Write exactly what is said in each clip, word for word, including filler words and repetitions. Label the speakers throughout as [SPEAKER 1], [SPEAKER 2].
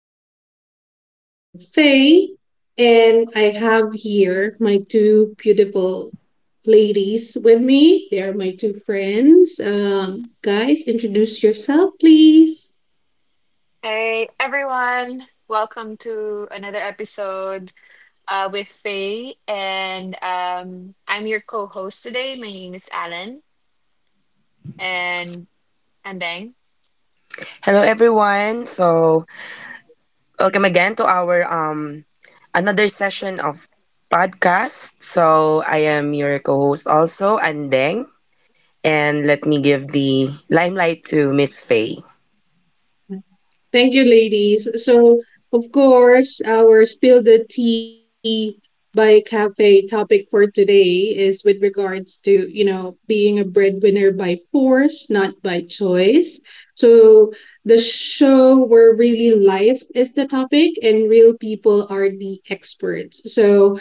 [SPEAKER 1] of Spill the Tea with Faye. And I have here my two beautiful ladies with me. They are my two friends. Um, guys, introduce yourself, please.
[SPEAKER 2] Hey everyone, welcome to another episode uh, with Faye, and um, I'm your co-host today. My name is Alan, and and then
[SPEAKER 3] Hello everyone. So, welcome again to our um another session of podcast. So, I am your co-host also, Andeng, and let me give the limelight to Miss Faye.
[SPEAKER 1] Thank you, ladies. So, of course, our Spill the Tea by Cafe topic for today is with regards to, you know, being a breadwinner by force, not by choice. So, the show where really life is the topic and real people are the experts. So,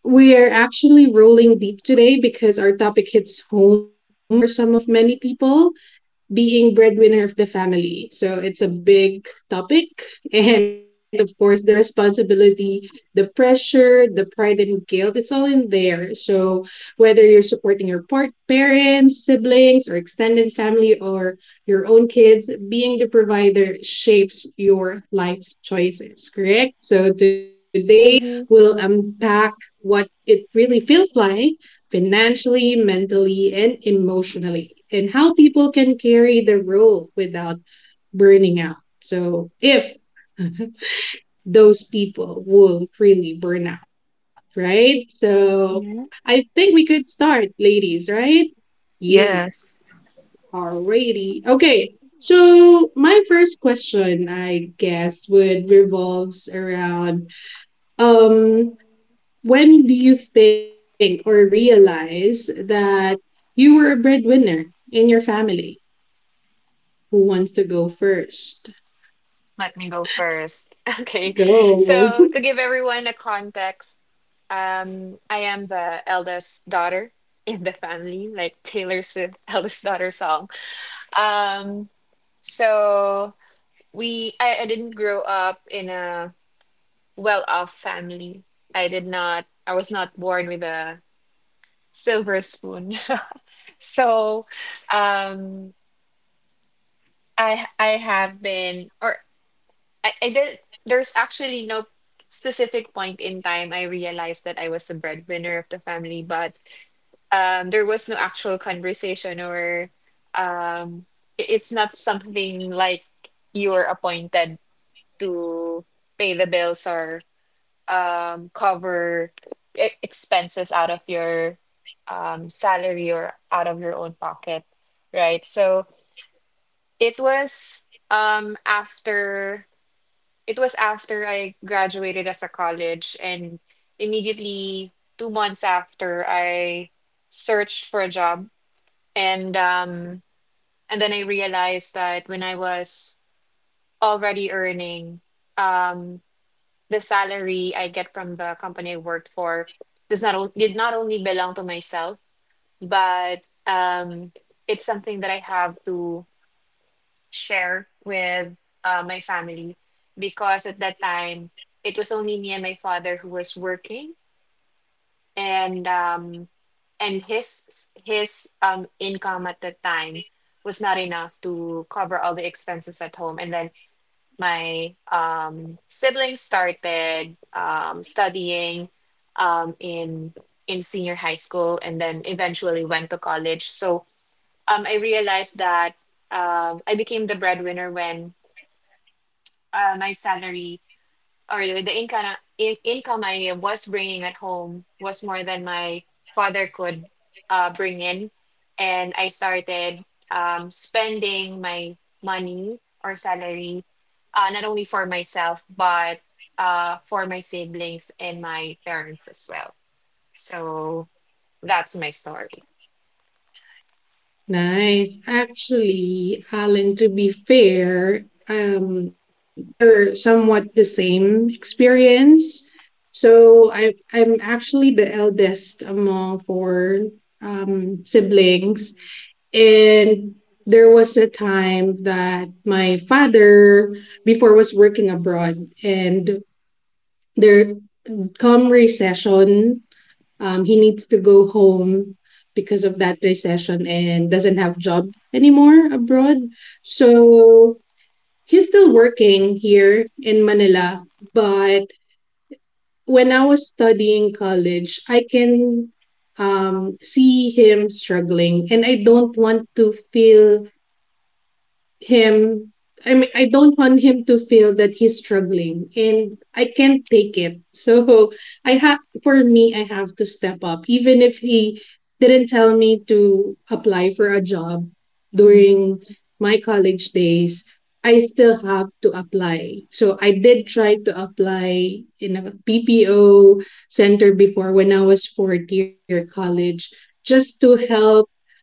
[SPEAKER 1] we are actually rolling deep today because our topic hits home for some of many people being breadwinner of the family. So it's a big topic. And of course, the responsibility, the pressure, the pride and guilt, it's all in there. So whether you're supporting your part- parents, siblings, or extended family, or your own kids, being the provider shapes your life choices, correct? So today
[SPEAKER 2] Mhm.
[SPEAKER 1] we'll unpack what it really feels like financially, mentally, and emotionally, and how people can carry the role without burning out. So, if those people will really burn out, right? So, I
[SPEAKER 2] Yeah.
[SPEAKER 1] think we could start, ladies, right? Yes.
[SPEAKER 3] Yes.
[SPEAKER 1] Alrighty. Okay. So my first question, I guess, would revolves around um when do you think or realize that you were a breadwinner in your family? Who wants to go first?
[SPEAKER 2] Let me go first. Okay,
[SPEAKER 1] Go.
[SPEAKER 2] so to give everyone a context, um, I am the eldest daughter in the family, like Taylor Swift eldest daughter song. Um, so we I, I didn't grow up in a well off family. I did not, I was not born with a silver spoon. So um, I, I have been, or I, I did, there's actually no specific point in time I realized that I was the breadwinner of the family, but um, there was no actual conversation or um, i- it's not something like you were appointed to pay the bills or um, cover e expenses out of your um, salary or out of your own pocket, right? So it was um, after it was after I graduated as a college, and immediately two months after I searched for a job, and um, and then I realized that when I was already earning. Um, the salary I get from the company I worked for does not o- did not only belong to myself, but um, it's something that I have to share with uh, my family, because at that time it was only me and my father who was working, and um, and his his um, income at that time was not enough to cover all the expenses at home, and then my um, siblings started um, studying um, in in senior high school and then eventually went to college. So um, I realized that um, I became the breadwinner when uh, my salary or the income in, income I was bringing at home was more than my father could uh, bring in, and I started um, spending my money or salary uh, not only for myself but uh, for my siblings and my parents as well. So that's my story.
[SPEAKER 1] Nice. Actually, Alan, to be fair, um, we are somewhat the same experience. So I, I'm actually the eldest among four um, siblings. And there was a time that my father before was working abroad and there come recession, um, he needs to go home because of that recession and doesn't have job anymore abroad. So he's still working here in Manila, but when I was studying college, I can um, see him struggling and I don't want to feel him I mean I don't want him to feel that he's struggling and I can't take it. So I have for me I have to step up even if he didn't tell me to apply for a job
[SPEAKER 2] Mm.
[SPEAKER 1] during my college days. I still have to apply. So I did try to apply in a P P O center before when I was fourth year college just to help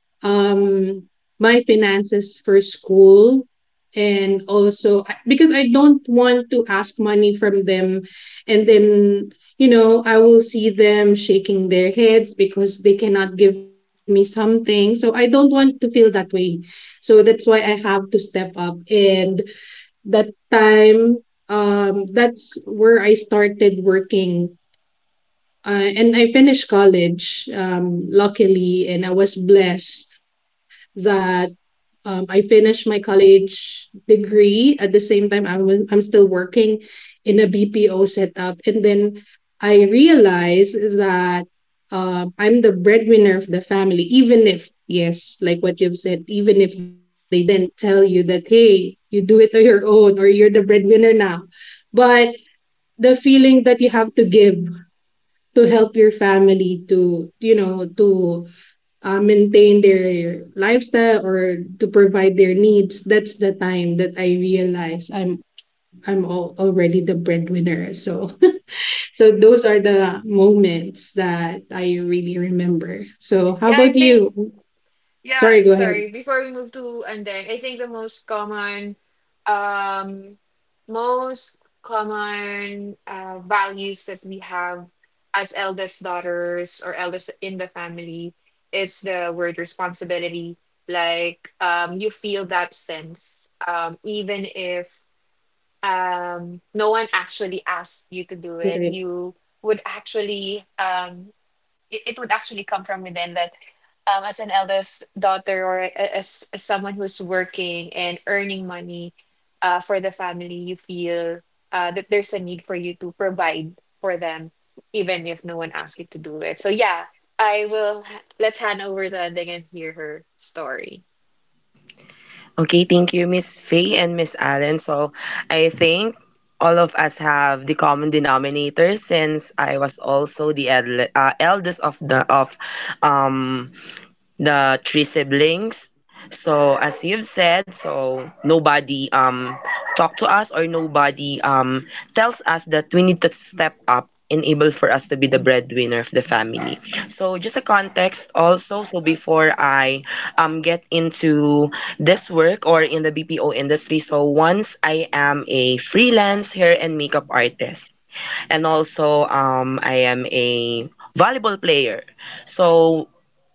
[SPEAKER 1] um my finances for school, and also because I don't want to ask money from them, and then you know I will see them shaking their heads because they cannot give me something, so I don't want to feel that way. So that's why I have to step up, and that time, um that's where I started working, uh, and I finished college, um, luckily, and I was blessed that um, I finished my college degree. At the same time, I was, I'm still working in a B P O setup. And then I realized that um, I'm the breadwinner of the family, even if, yes, like what you've said, even if they didn't tell you that, hey, you do it on your own or you're the breadwinner now. But the feeling that you have to give to help your family to you know to uh, maintain their lifestyle or to provide their needs, that's the time that I realized i'm i'm all, already the breadwinner. So so those are the moments that I really remember. So how
[SPEAKER 2] Yeah,
[SPEAKER 1] about
[SPEAKER 2] I think.
[SPEAKER 1] you? Sorry,
[SPEAKER 2] Yeah,
[SPEAKER 1] go ahead.
[SPEAKER 2] sorry. Before we move to Andeng, I think the most common, um, most common uh, values that we have as eldest daughters or eldest in the family is the word responsibility. Like, um, you feel that sense, um, even if um, no one actually asked you to do it,
[SPEAKER 1] Correct.
[SPEAKER 2] you would actually um, it, it would actually come from within that um, as an eldest daughter or a- as, as someone who's working and earning money uh, for the family, you feel uh, that there's a need for you to provide for them, even if no one asks you to do it. So, yeah, I will. Let's hand over the ending and hear her story.
[SPEAKER 3] Okay, thank you Miss Faye and Miss Allen. So, I think all of us have the common denominator since I was also the edle- uh, eldest of the of um the three siblings. So as you've said, so nobody um talk to us or nobody um tells us that we need to step up enable for us to be the breadwinner of the family. So just a context also, so before I um get into this work or in the B P O industry, so once I am a freelance hair and makeup artist, and also um I am a volleyball player. So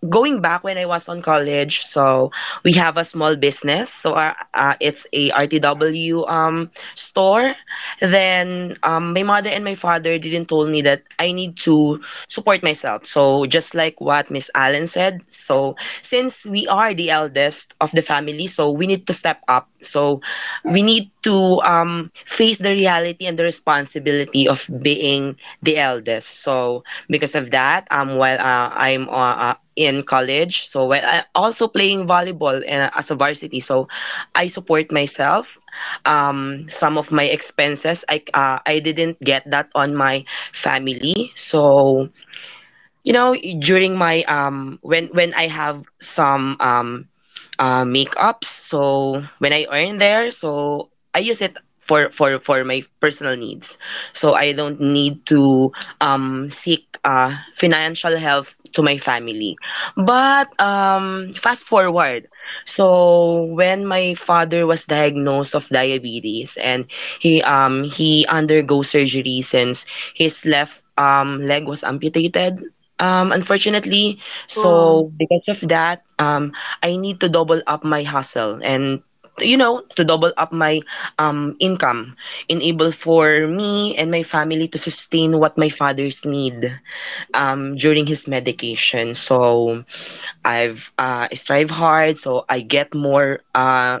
[SPEAKER 3] going back when I was on college, so we have a small business. So uh, uh, it's a R T W um, store. Then um, my mother and my father didn't told me that I need to support myself. So just like what Miss Allen said, so since we are the eldest of the family, so we need to step up. So we need to um, face the reality and the responsibility of being the eldest. So because of that, um while uh, I'm uh, uh, in college, so while I also playing volleyball uh, as a varsity, so I support myself. Um some of my expenses I uh, I didn't get that on my family. So you know, during my um when when I have some um uh, makeups. So when I earn there, so I use it for for for my personal needs. So I don't need to um, seek uh, financial help to my family. But um, fast forward, so when my father was diagnosed of diabetes and he um he undergo surgery since his left um leg was amputated. Um, unfortunately,
[SPEAKER 2] Oh,
[SPEAKER 3] so because of that, um, I need to double up my hustle and you know, to double up my um income enable for me and my family to sustain what my father's need um during his medication. So I've uh strive hard, so I get more uh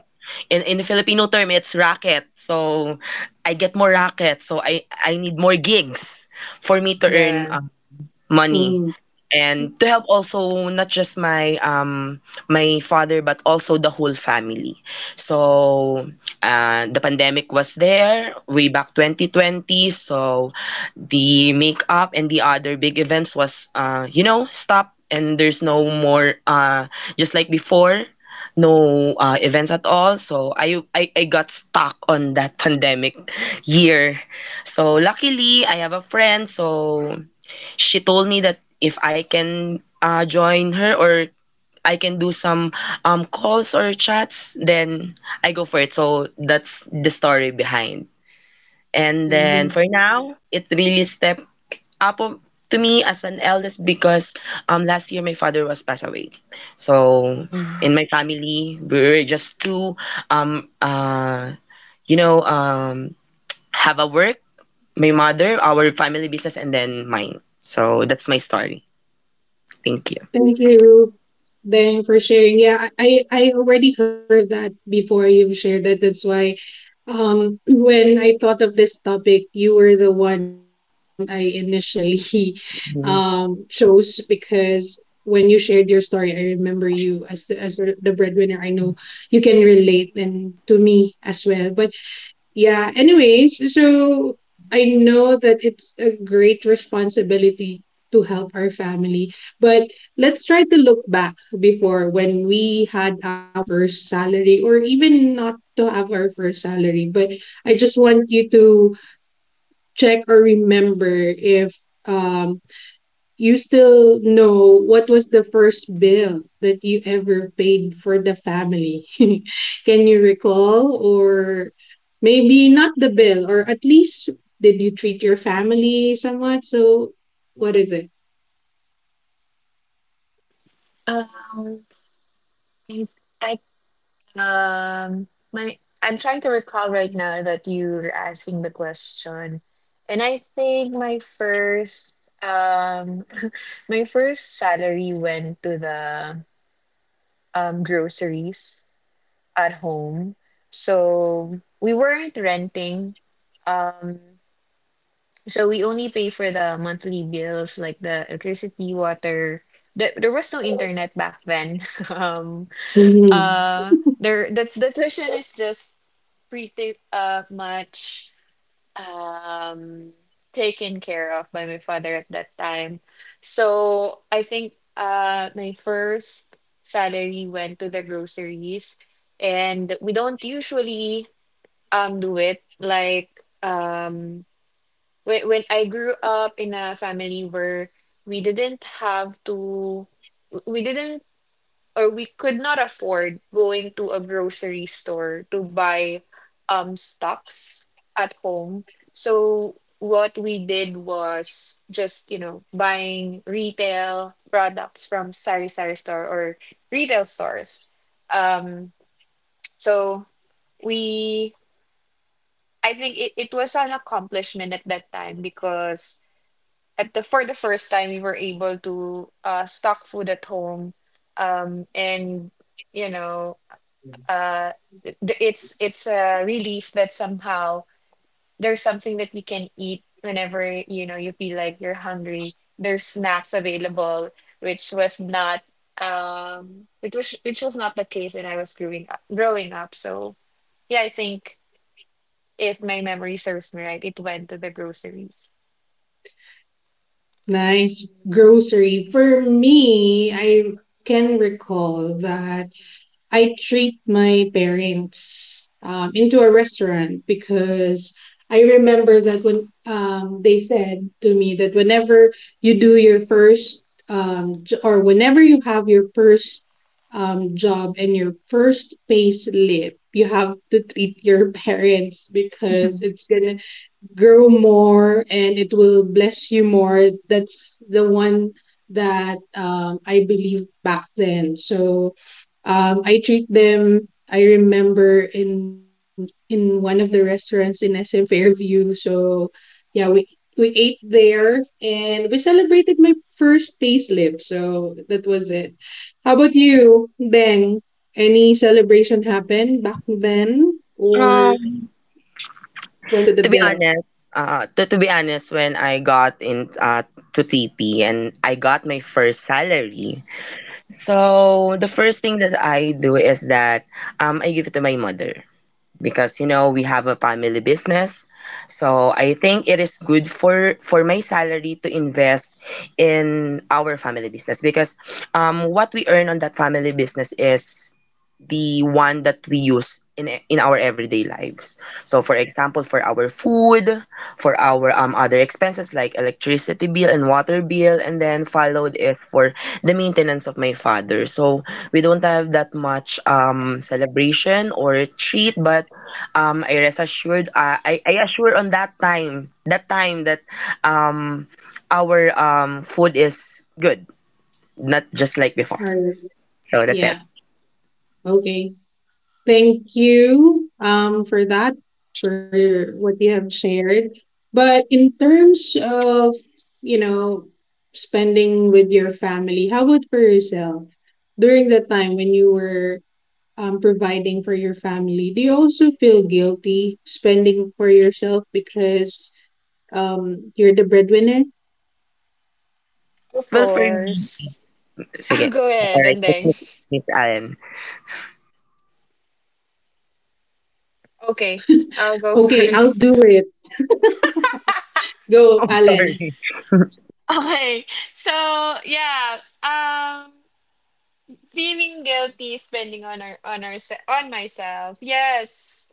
[SPEAKER 3] in in the Filipino term, it's racket. So I get more racket, so i i need more gigs for me to earn
[SPEAKER 2] yeah.
[SPEAKER 3] uh, money
[SPEAKER 1] Mm.
[SPEAKER 3] and to help also not just my um my father but also the whole family. So uh, the pandemic was there way back twenty twenty. So the makeup and the other big events was, uh you know, stop, and there's no more, uh just like before, no uh, events at all. So I, I I got stuck on that pandemic year. So luckily I have a friend, so she told me that if I can uh, join her, or I can do some um, calls or chats, then I go for it. So that's the story behind. And then
[SPEAKER 1] um,
[SPEAKER 3] for now, it really stepped up of- to me as an eldest because um, last year my father was passed away. So
[SPEAKER 2] Mm.
[SPEAKER 3] in my family, we were just two um, uh, you know, um, have a work, my mother, our family business, and then mine. So that's my story. Thank you.
[SPEAKER 1] thank you then for sharing, yeah, i i I already heard that before, you've shared that, that's why. Um, when I thought of this topic, you were the one I initially um, chose because when you shared your story, I remember you as the, as the breadwinner. I know you can relate and to me as well. But yeah. Anyways, so I know that it's a great responsibility to help our family, but let's try to look back before when we had our first salary, or even not to have our first salary. But I just want you to check or remember if um you still know what was the first bill that you ever paid for the family? Can you recall? Or maybe not the bill, or at least did you treat your family somewhat? So, what is it?
[SPEAKER 2] Um, I, Um, my I'm trying to recall right now that you were asking the question, and I think my first um my first salary went to the um groceries at home. So we weren't renting. Um, so we only pay for the monthly bills like the electricity, water. There, there was no internet back then. Um,
[SPEAKER 1] Mhm.
[SPEAKER 2] uh there the, the tuition is just pretty uh much um taken care of by my father at that time. So I think uh my first salary went to the groceries, and we don't usually um do it like um when, when I grew up in a family where we didn't have to we didn't or we could not afford going to a grocery store to buy um stocks at home. So what we did was just, you know, buying retail products from Sari Sari store or retail stores. Um, so we I think it, it was an accomplishment at that time because at the for the first time we were able to uh, stock food at home, um, and, you know, uh, th- it's it's a relief that somehow there's something that we can eat whenever, you know, you feel like you're hungry. There's snacks available, which was not um, which was which was not the case when I was growing up. Growing up, so yeah, I think if my memory serves me right, it went to the groceries.
[SPEAKER 1] Nice grocery. For me, I can recall that I treat my parents um, into a restaurant because I remember that when um, they said to me that whenever you do your first um, j- or whenever you have your first um, job and your first pay slip, you have to treat your parents because it's gonna grow more and it will bless you more. That's the one that um, I believed back then. So um, I treat them. I remember in in one of the restaurants in S M Fairview. So yeah, we we ate there and we celebrated my first payslip. So that was it. How about you, Beng? Any celebration happened back then or
[SPEAKER 3] Um,
[SPEAKER 1] went to the bill?
[SPEAKER 3] to be honest, uh, to, to be honest, when I got in, uh, to T P, and I got my first salary, so the first thing that I do is that um, I give it to my mother. Because you know, we have a family business, so I think it is good for for my salary to invest in our family business because um what we earn on that family business is the one that we use in e- in our everyday lives. So for example, for our food, for our um other expenses like electricity bill and water bill, and then followed is for the maintenance of my father. So we don't have that much um celebration or treat, but um I rest assured, uh, I I assure on that time that time that um our um food is good, not just like before.
[SPEAKER 1] Or,
[SPEAKER 3] So that's
[SPEAKER 1] yeah.
[SPEAKER 3] it.
[SPEAKER 1] Okay. Thank you um for that, for what you have shared. But in terms of, you know, spending with your family, how about for yourself? During the time when you were um providing for your family, do you also feel guilty spending for yourself because um you're the breadwinner?
[SPEAKER 2] Of
[SPEAKER 3] Well, for me,
[SPEAKER 2] course,
[SPEAKER 3] sige,
[SPEAKER 2] I'll go
[SPEAKER 3] all
[SPEAKER 2] ahead
[SPEAKER 3] right,
[SPEAKER 2] and then
[SPEAKER 3] Miss Miss Allen.
[SPEAKER 2] okay,
[SPEAKER 1] Okay,
[SPEAKER 2] I'll go
[SPEAKER 1] I'll do it.
[SPEAKER 2] first.
[SPEAKER 1] Go,
[SPEAKER 3] I'm
[SPEAKER 1] Alan.
[SPEAKER 3] sorry.
[SPEAKER 2] Okay, so yeah, um. feeling guilty spending on our on our on myself, yes,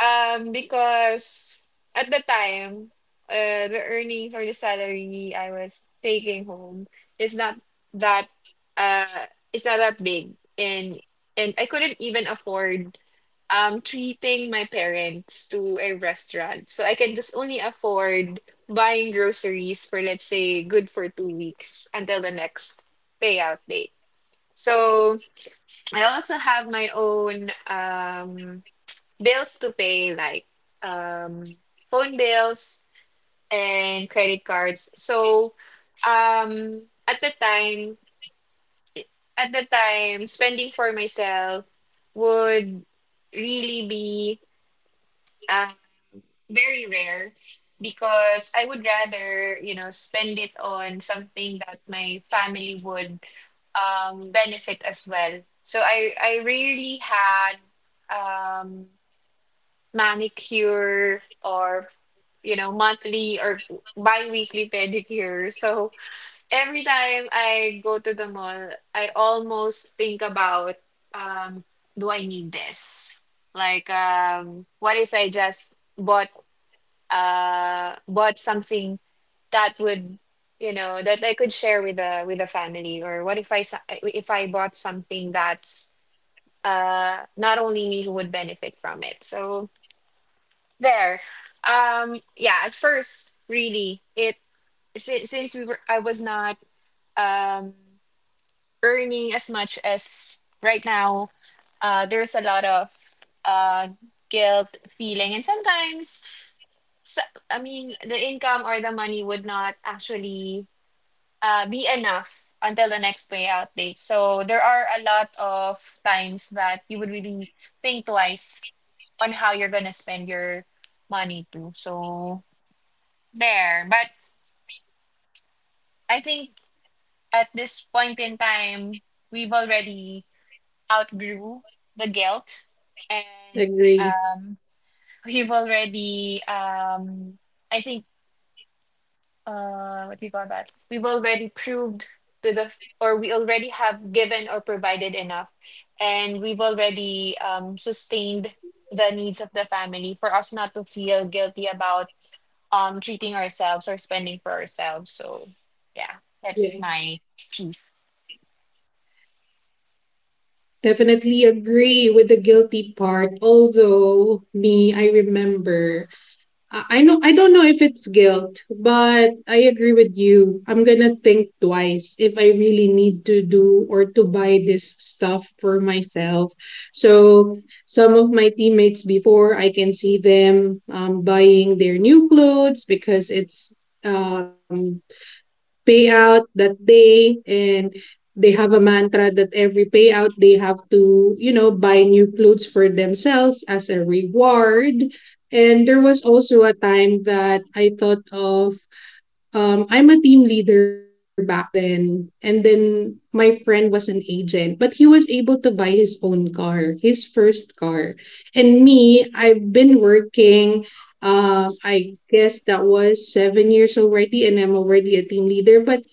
[SPEAKER 2] um because at the time uh, the earnings or the salary I was taking home is not that uh it's not that big, and and I couldn't even afford um treating my parents to a restaurant, so I can just only afford buying groceries for, let's say, good for two weeks until the next payout date. So I also have my own um, bills to pay, like um, phone bills and credit cards. So um, at the time, at the time, spending for myself would really be uh, very rare because I would rather, you know, spend it on something that my family would um, benefit as well. So I I rarely had um, manicure or, you know, monthly or bi-weekly pedicure. So every time I go to the mall, I almost think about, um, do I need this? Like, um, what if I just bought uh, bought something that would, you know, that I could share with the with the family, or what if I s- if I bought something that's uh not only me who would benefit from it? So there um yeah, at first, really, it since, since we were I was not um earning as much as right now, uh there's a lot of uh guilt feeling, and sometimes, so, I mean, the income or the money would not actually uh, be enough until the next payout date. So there are a lot of times that you would really think twice on how you're gonna spend your money too. So there, but I think at this point in time, we've already outgrew the guilt, and
[SPEAKER 1] Agree.
[SPEAKER 2] um, we've already um, I think uh, what do you call that? We've already proved to the, or we already have given or provided enough, and we've already um, sustained the needs of the family for us not to feel guilty about um treating ourselves or spending for ourselves. So, yeah, that's
[SPEAKER 1] Yeah.
[SPEAKER 2] my piece.
[SPEAKER 1] Definitely agree with the guilty part. Although me, I remember. I I know I don't know if it's guilt, but I agree with you. I'm gonna think twice if I really need to do or to buy this stuff for myself. So some of my teammates before, I can see them um, buying their new clothes because it's um payout that day, and they have a mantra that every payout they have to, you know, buy new clothes for themselves as a reward. And there was also a time that I thought of um I'm a team leader back then, and then my friend was an agent, but he was able to buy his own car, his first car. And me, I've been working, um I guess that was seven years already, and I'm already a team leader, but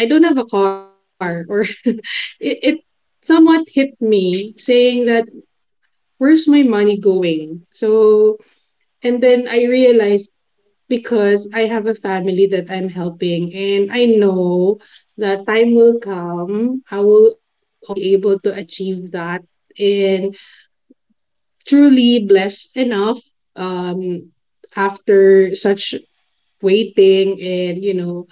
[SPEAKER 1] I don't have a car. Or it, it somewhat hit me, saying that where's my money going. So and then I realized because I have a family that I'm helping, and I know that time will come. I will also be able to achieve that. And truly blessed enough, um after such waiting and you know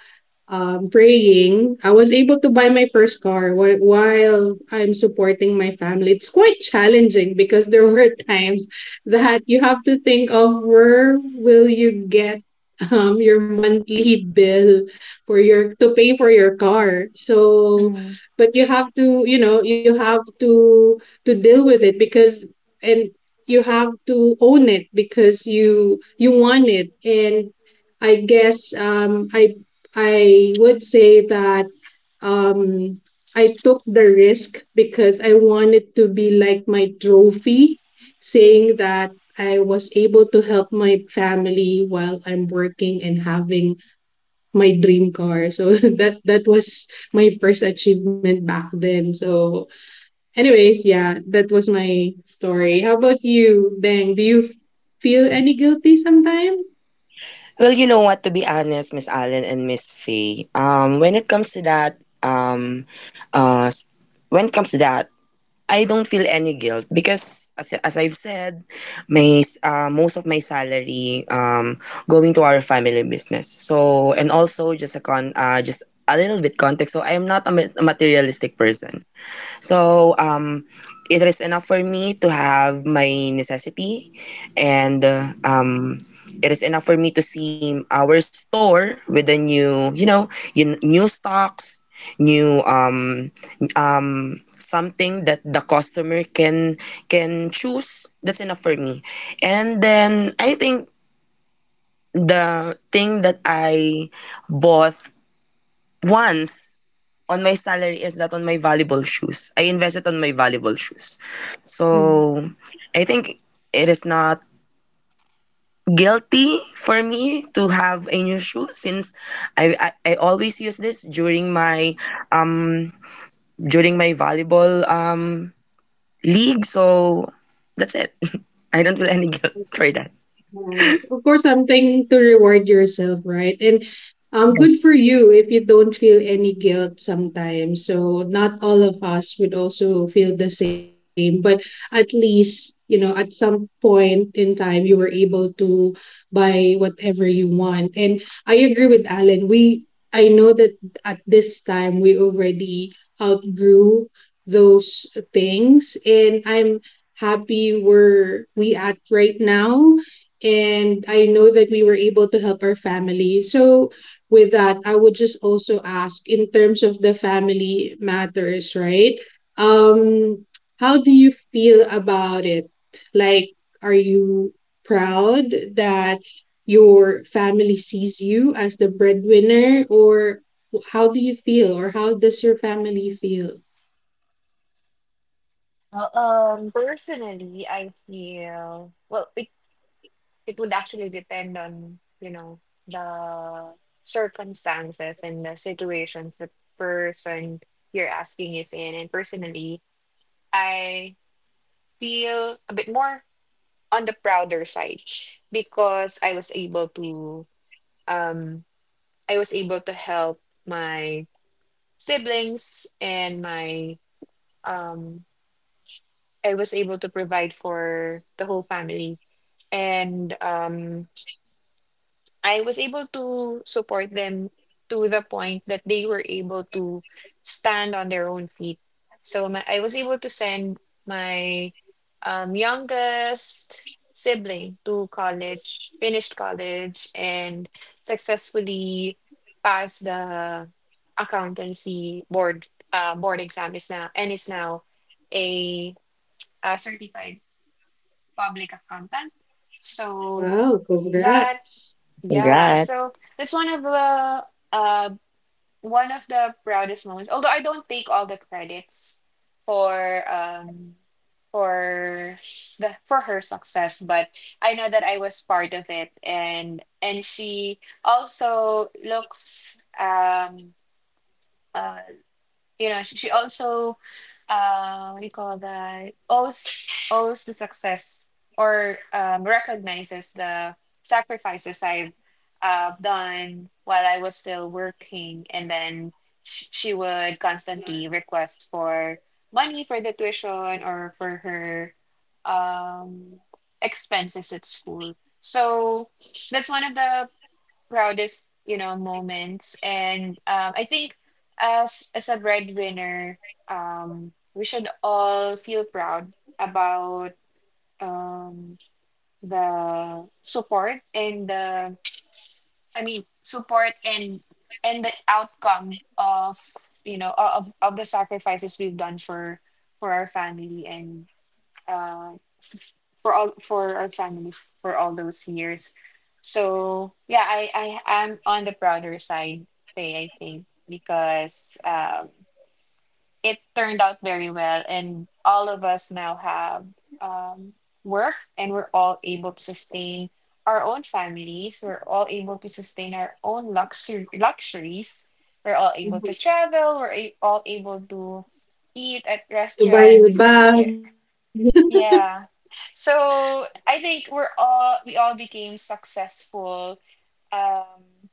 [SPEAKER 1] um, praying, I was able to buy my first car while, while I'm supporting my family. It's quite challenging because there were times that you have to think of where will you get um, your monthly bill for your to pay for your car. So,
[SPEAKER 2] Mm,
[SPEAKER 1] but you have to, you know, you have to to deal with it because and you have to own it because you you want it. And I guess um, I I would say that um, I took the risk because I wanted to be like my trophy, saying that I was able to help my family while I'm working and having my dream car. So that that was my first achievement back then. So anyways, yeah, that was my story. How about you, Deng? Do you f- feel any guilty sometime?
[SPEAKER 3] Well, you know what, to be honest, Miss Allen and Miss Faye, um when it comes to that, um uh s- when it comes to that, I don't feel any guilt because, as, as I've said, my s- uh, most of my salary um going to our family business. So and also, just a con uh, just a little bit context. So I am not a ma- a materialistic person. So um, it is enough for me to have my necessity, and uh, um, it is enough for me to see our store with the new, you know, y- new stocks, new um, um, something that the customer can can choose. That's enough for me. And then I think the thing that I bought once on my salary is not on my valuable shoes. I invest it on my valuable shoes.
[SPEAKER 2] mm.
[SPEAKER 3] So I think it is not guilty for me to have a new shoe since I, I, I always use this during my um during my volleyball um league. So that's it. I don't feel any guilt for that.
[SPEAKER 1] Nice. Of course, something to reward yourself, right? And um, good for
[SPEAKER 3] Yes,
[SPEAKER 1] you if you don't feel any guilt sometimes. So not all of us would also feel the same, but at least, you know, at some point in time, you were able to buy whatever you want. And I agree with Alan. We, I know that at this time, we already outgrew those things, and I'm happy where we at right now, and I know that we were able to help our family. So, with that, I would just also ask in terms of the family matters, right? Um, how do you feel about it? Like, are you proud that your family sees you as the breadwinner, or how do you feel, or how does your family feel?
[SPEAKER 2] Well, um, personally, I feel well. It it would actually depend on, you know, the circumstances and the situations the person you're asking is in, and personally, I feel a bit more on the prouder side because I was able to um i was able to help my siblings and my um I was able to provide for the whole family, and um I was able to support them to the point that they were able to stand on their own feet. So my, I was able to send my um, youngest sibling to college, finished college, and successfully passed the accountancy board uh, board exam, is now and is now a, a certified public accountant. So
[SPEAKER 1] Wow,
[SPEAKER 2] that
[SPEAKER 1] congrats.
[SPEAKER 2] yeah,
[SPEAKER 3] congrats.
[SPEAKER 2] so that's one of the uh one of the proudest moments. Although I don't take all the credits for um for the for her success, but I know that I was part of it, and and she also looks um uh you know, she, she also uh what do you call that, owes owes the success or, um, recognizes the sacrifices I've uh, done while I was still working, and then sh- she would constantly request for money for the tuition or for her um expenses at school. So that's one of the proudest, you know, moments, and um, I think as as a breadwinner, um we should all feel proud about um the support and the I mean support and and the outcome of, you know, o- of of the sacrifices we've done for for our family, and uh, f- for all for our family f- for all those years. So yeah, I I am on the prouder side, Faye, I think, because um, it turned out very well, and all of us now have um, work, and we're all able to sustain our own families. We're all able to sustain our own luxury luxuries. We're all
[SPEAKER 1] Mhm.
[SPEAKER 2] able to travel. We're a- all able to eat at
[SPEAKER 1] To buy your a
[SPEAKER 2] restaurants.
[SPEAKER 1] bag.
[SPEAKER 2] Yeah, yeah. So I think we're all we all became successful. Um,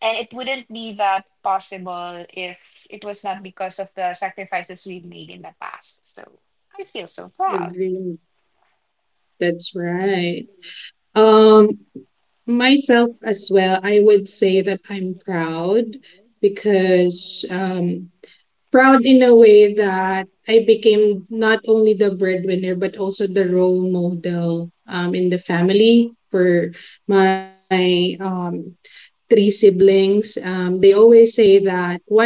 [SPEAKER 2] and it wouldn't be that possible if it was not because of the sacrifices we've made in the past. So I feel so proud.
[SPEAKER 1] Agree. That's right. Um, myself as well, I would say that I'm proud because um proud in a way that I became not only the breadwinner but also the role model um in the family for my um three siblings. Um, they always say that one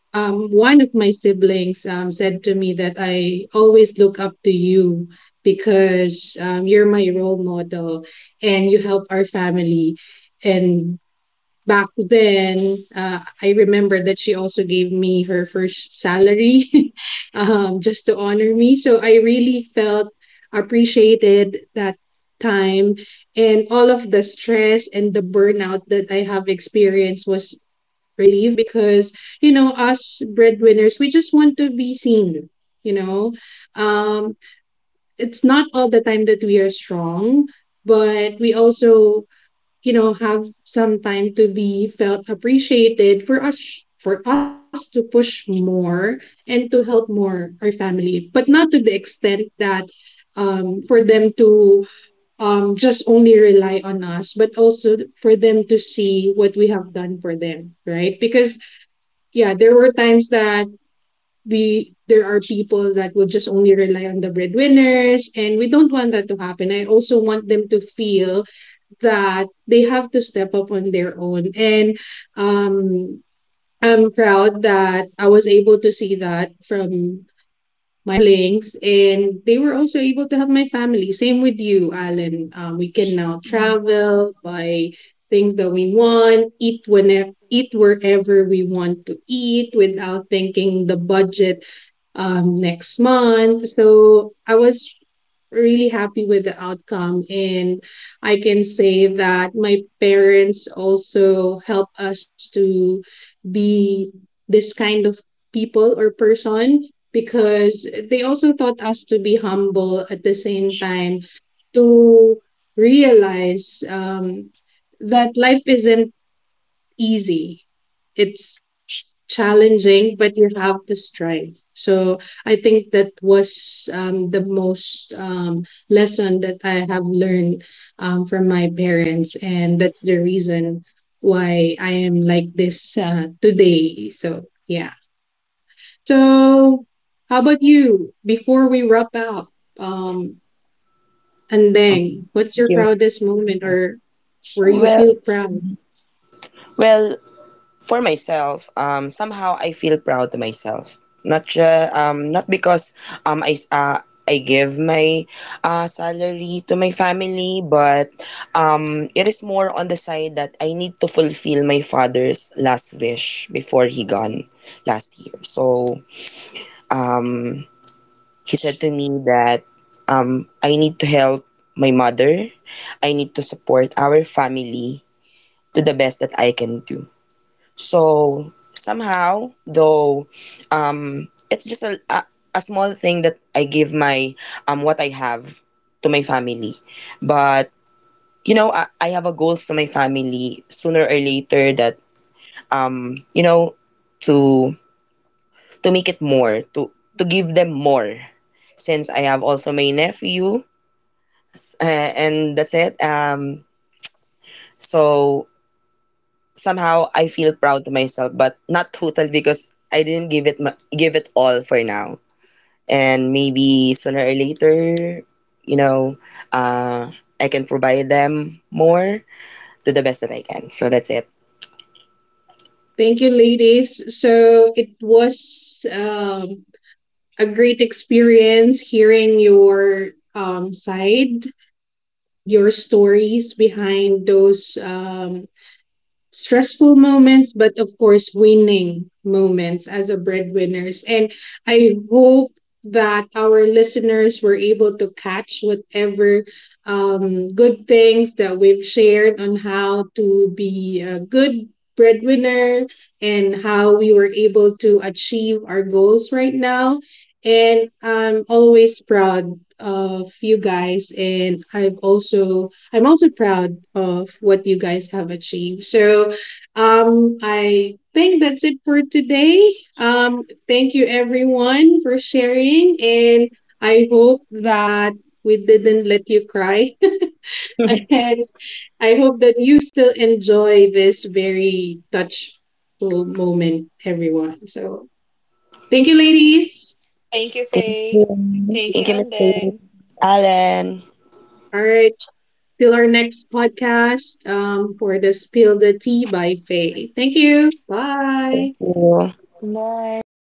[SPEAKER 1] um, one of my siblings um, said to me that I always look up to you because um, you're my role model and you help our family. And back then, uh, I remember that she also gave me her first salary um, just to honor me. So I really felt appreciated that time, and all of the stress and the burnout that I have experienced was relieved because you know, us breadwinners, we just want to be seen, you know. Um, it's not all the time that we are strong, but we also, you know, have some time to be felt appreciated for us for us to push more and to help more our family, but not to the extent that um, for them to um, just only rely on us, but also for them to see what we have done for them, right? Because yeah, there were times that we there are people that will just only rely on the breadwinners, and we don't want that to happen. I also want them to feel that they have to step up on their own, and um I'm proud that I was able to see that from my siblings, and they were also able to help my family. Same with you, Alan. Um, we can now
[SPEAKER 2] Yeah.
[SPEAKER 1] travel, buy things that we want, eat whenever, eat wherever we want to eat without thinking the budget um, next month. So I was really happy with the outcome, and I can say that my parents also help us to be this kind of people or person, because they also taught us to be humble, at the same time to realize um, that life isn't easy. It's challenging, but you have to strive. So I think that was um, the most um, lesson that I have learned um, from my parents, and that's the reason why I am like this uh, today. So yeah. So how about you? Before we wrap up, um, and then what's
[SPEAKER 3] Thank
[SPEAKER 1] your
[SPEAKER 3] you, Miss
[SPEAKER 1] proudest moment,
[SPEAKER 3] Ross.
[SPEAKER 1] or where you
[SPEAKER 3] Well
[SPEAKER 1] feel proud?
[SPEAKER 3] well for myself, um, somehow I feel proud to myself. Not just, um, not because um, I, s- uh, I give my uh, salary to my family, but um, it is more on the side that I need to fulfill my father's last wish before he gone last year. So um, he said to me that um, I need to help my mother. I need to support our family to the best that I can do. So somehow, though, um, it's just a, a, a small thing that I give my um what I have to my family, but you know, I, I have a goals to my family sooner or later that um you know, to to make it more, to to give them more, since I have also my nephew, s- uh, and that's it. Um so somehow I feel proud to myself, but not total because I didn't give it ma- give it all for now. And maybe sooner or later, you know, uh, I can provide them more to the best that I can. So that's it.
[SPEAKER 1] Thank you, ladies. So it was um, a great experience hearing your um, side and your stories behind those um, stressful moments, but of course, winning moments as a breadwinners. And I hope that our listeners were able to catch whatever um, good things that we've shared on how to be a good breadwinner and how we were able to achieve our goals right now. And I'm always proud of you guys. And I've also I'm also proud of what you guys have achieved. So, um, I think that's it for today. Um, thank you everyone for sharing, and I hope that we didn't let you cry. And I hope that you still enjoy this very touchful moment, everyone. So, thank you, ladies.
[SPEAKER 2] Thank you,
[SPEAKER 3] Thank
[SPEAKER 2] Faye.
[SPEAKER 3] you.
[SPEAKER 2] Thank you,
[SPEAKER 3] Thank you, Miss
[SPEAKER 2] Andeng.
[SPEAKER 3] Grace. Alan.
[SPEAKER 1] All right, till our next podcast um, for the Spill the Tea by Faye. Thank you.
[SPEAKER 3] Thank
[SPEAKER 1] Bye.
[SPEAKER 3] you.
[SPEAKER 2] Bye.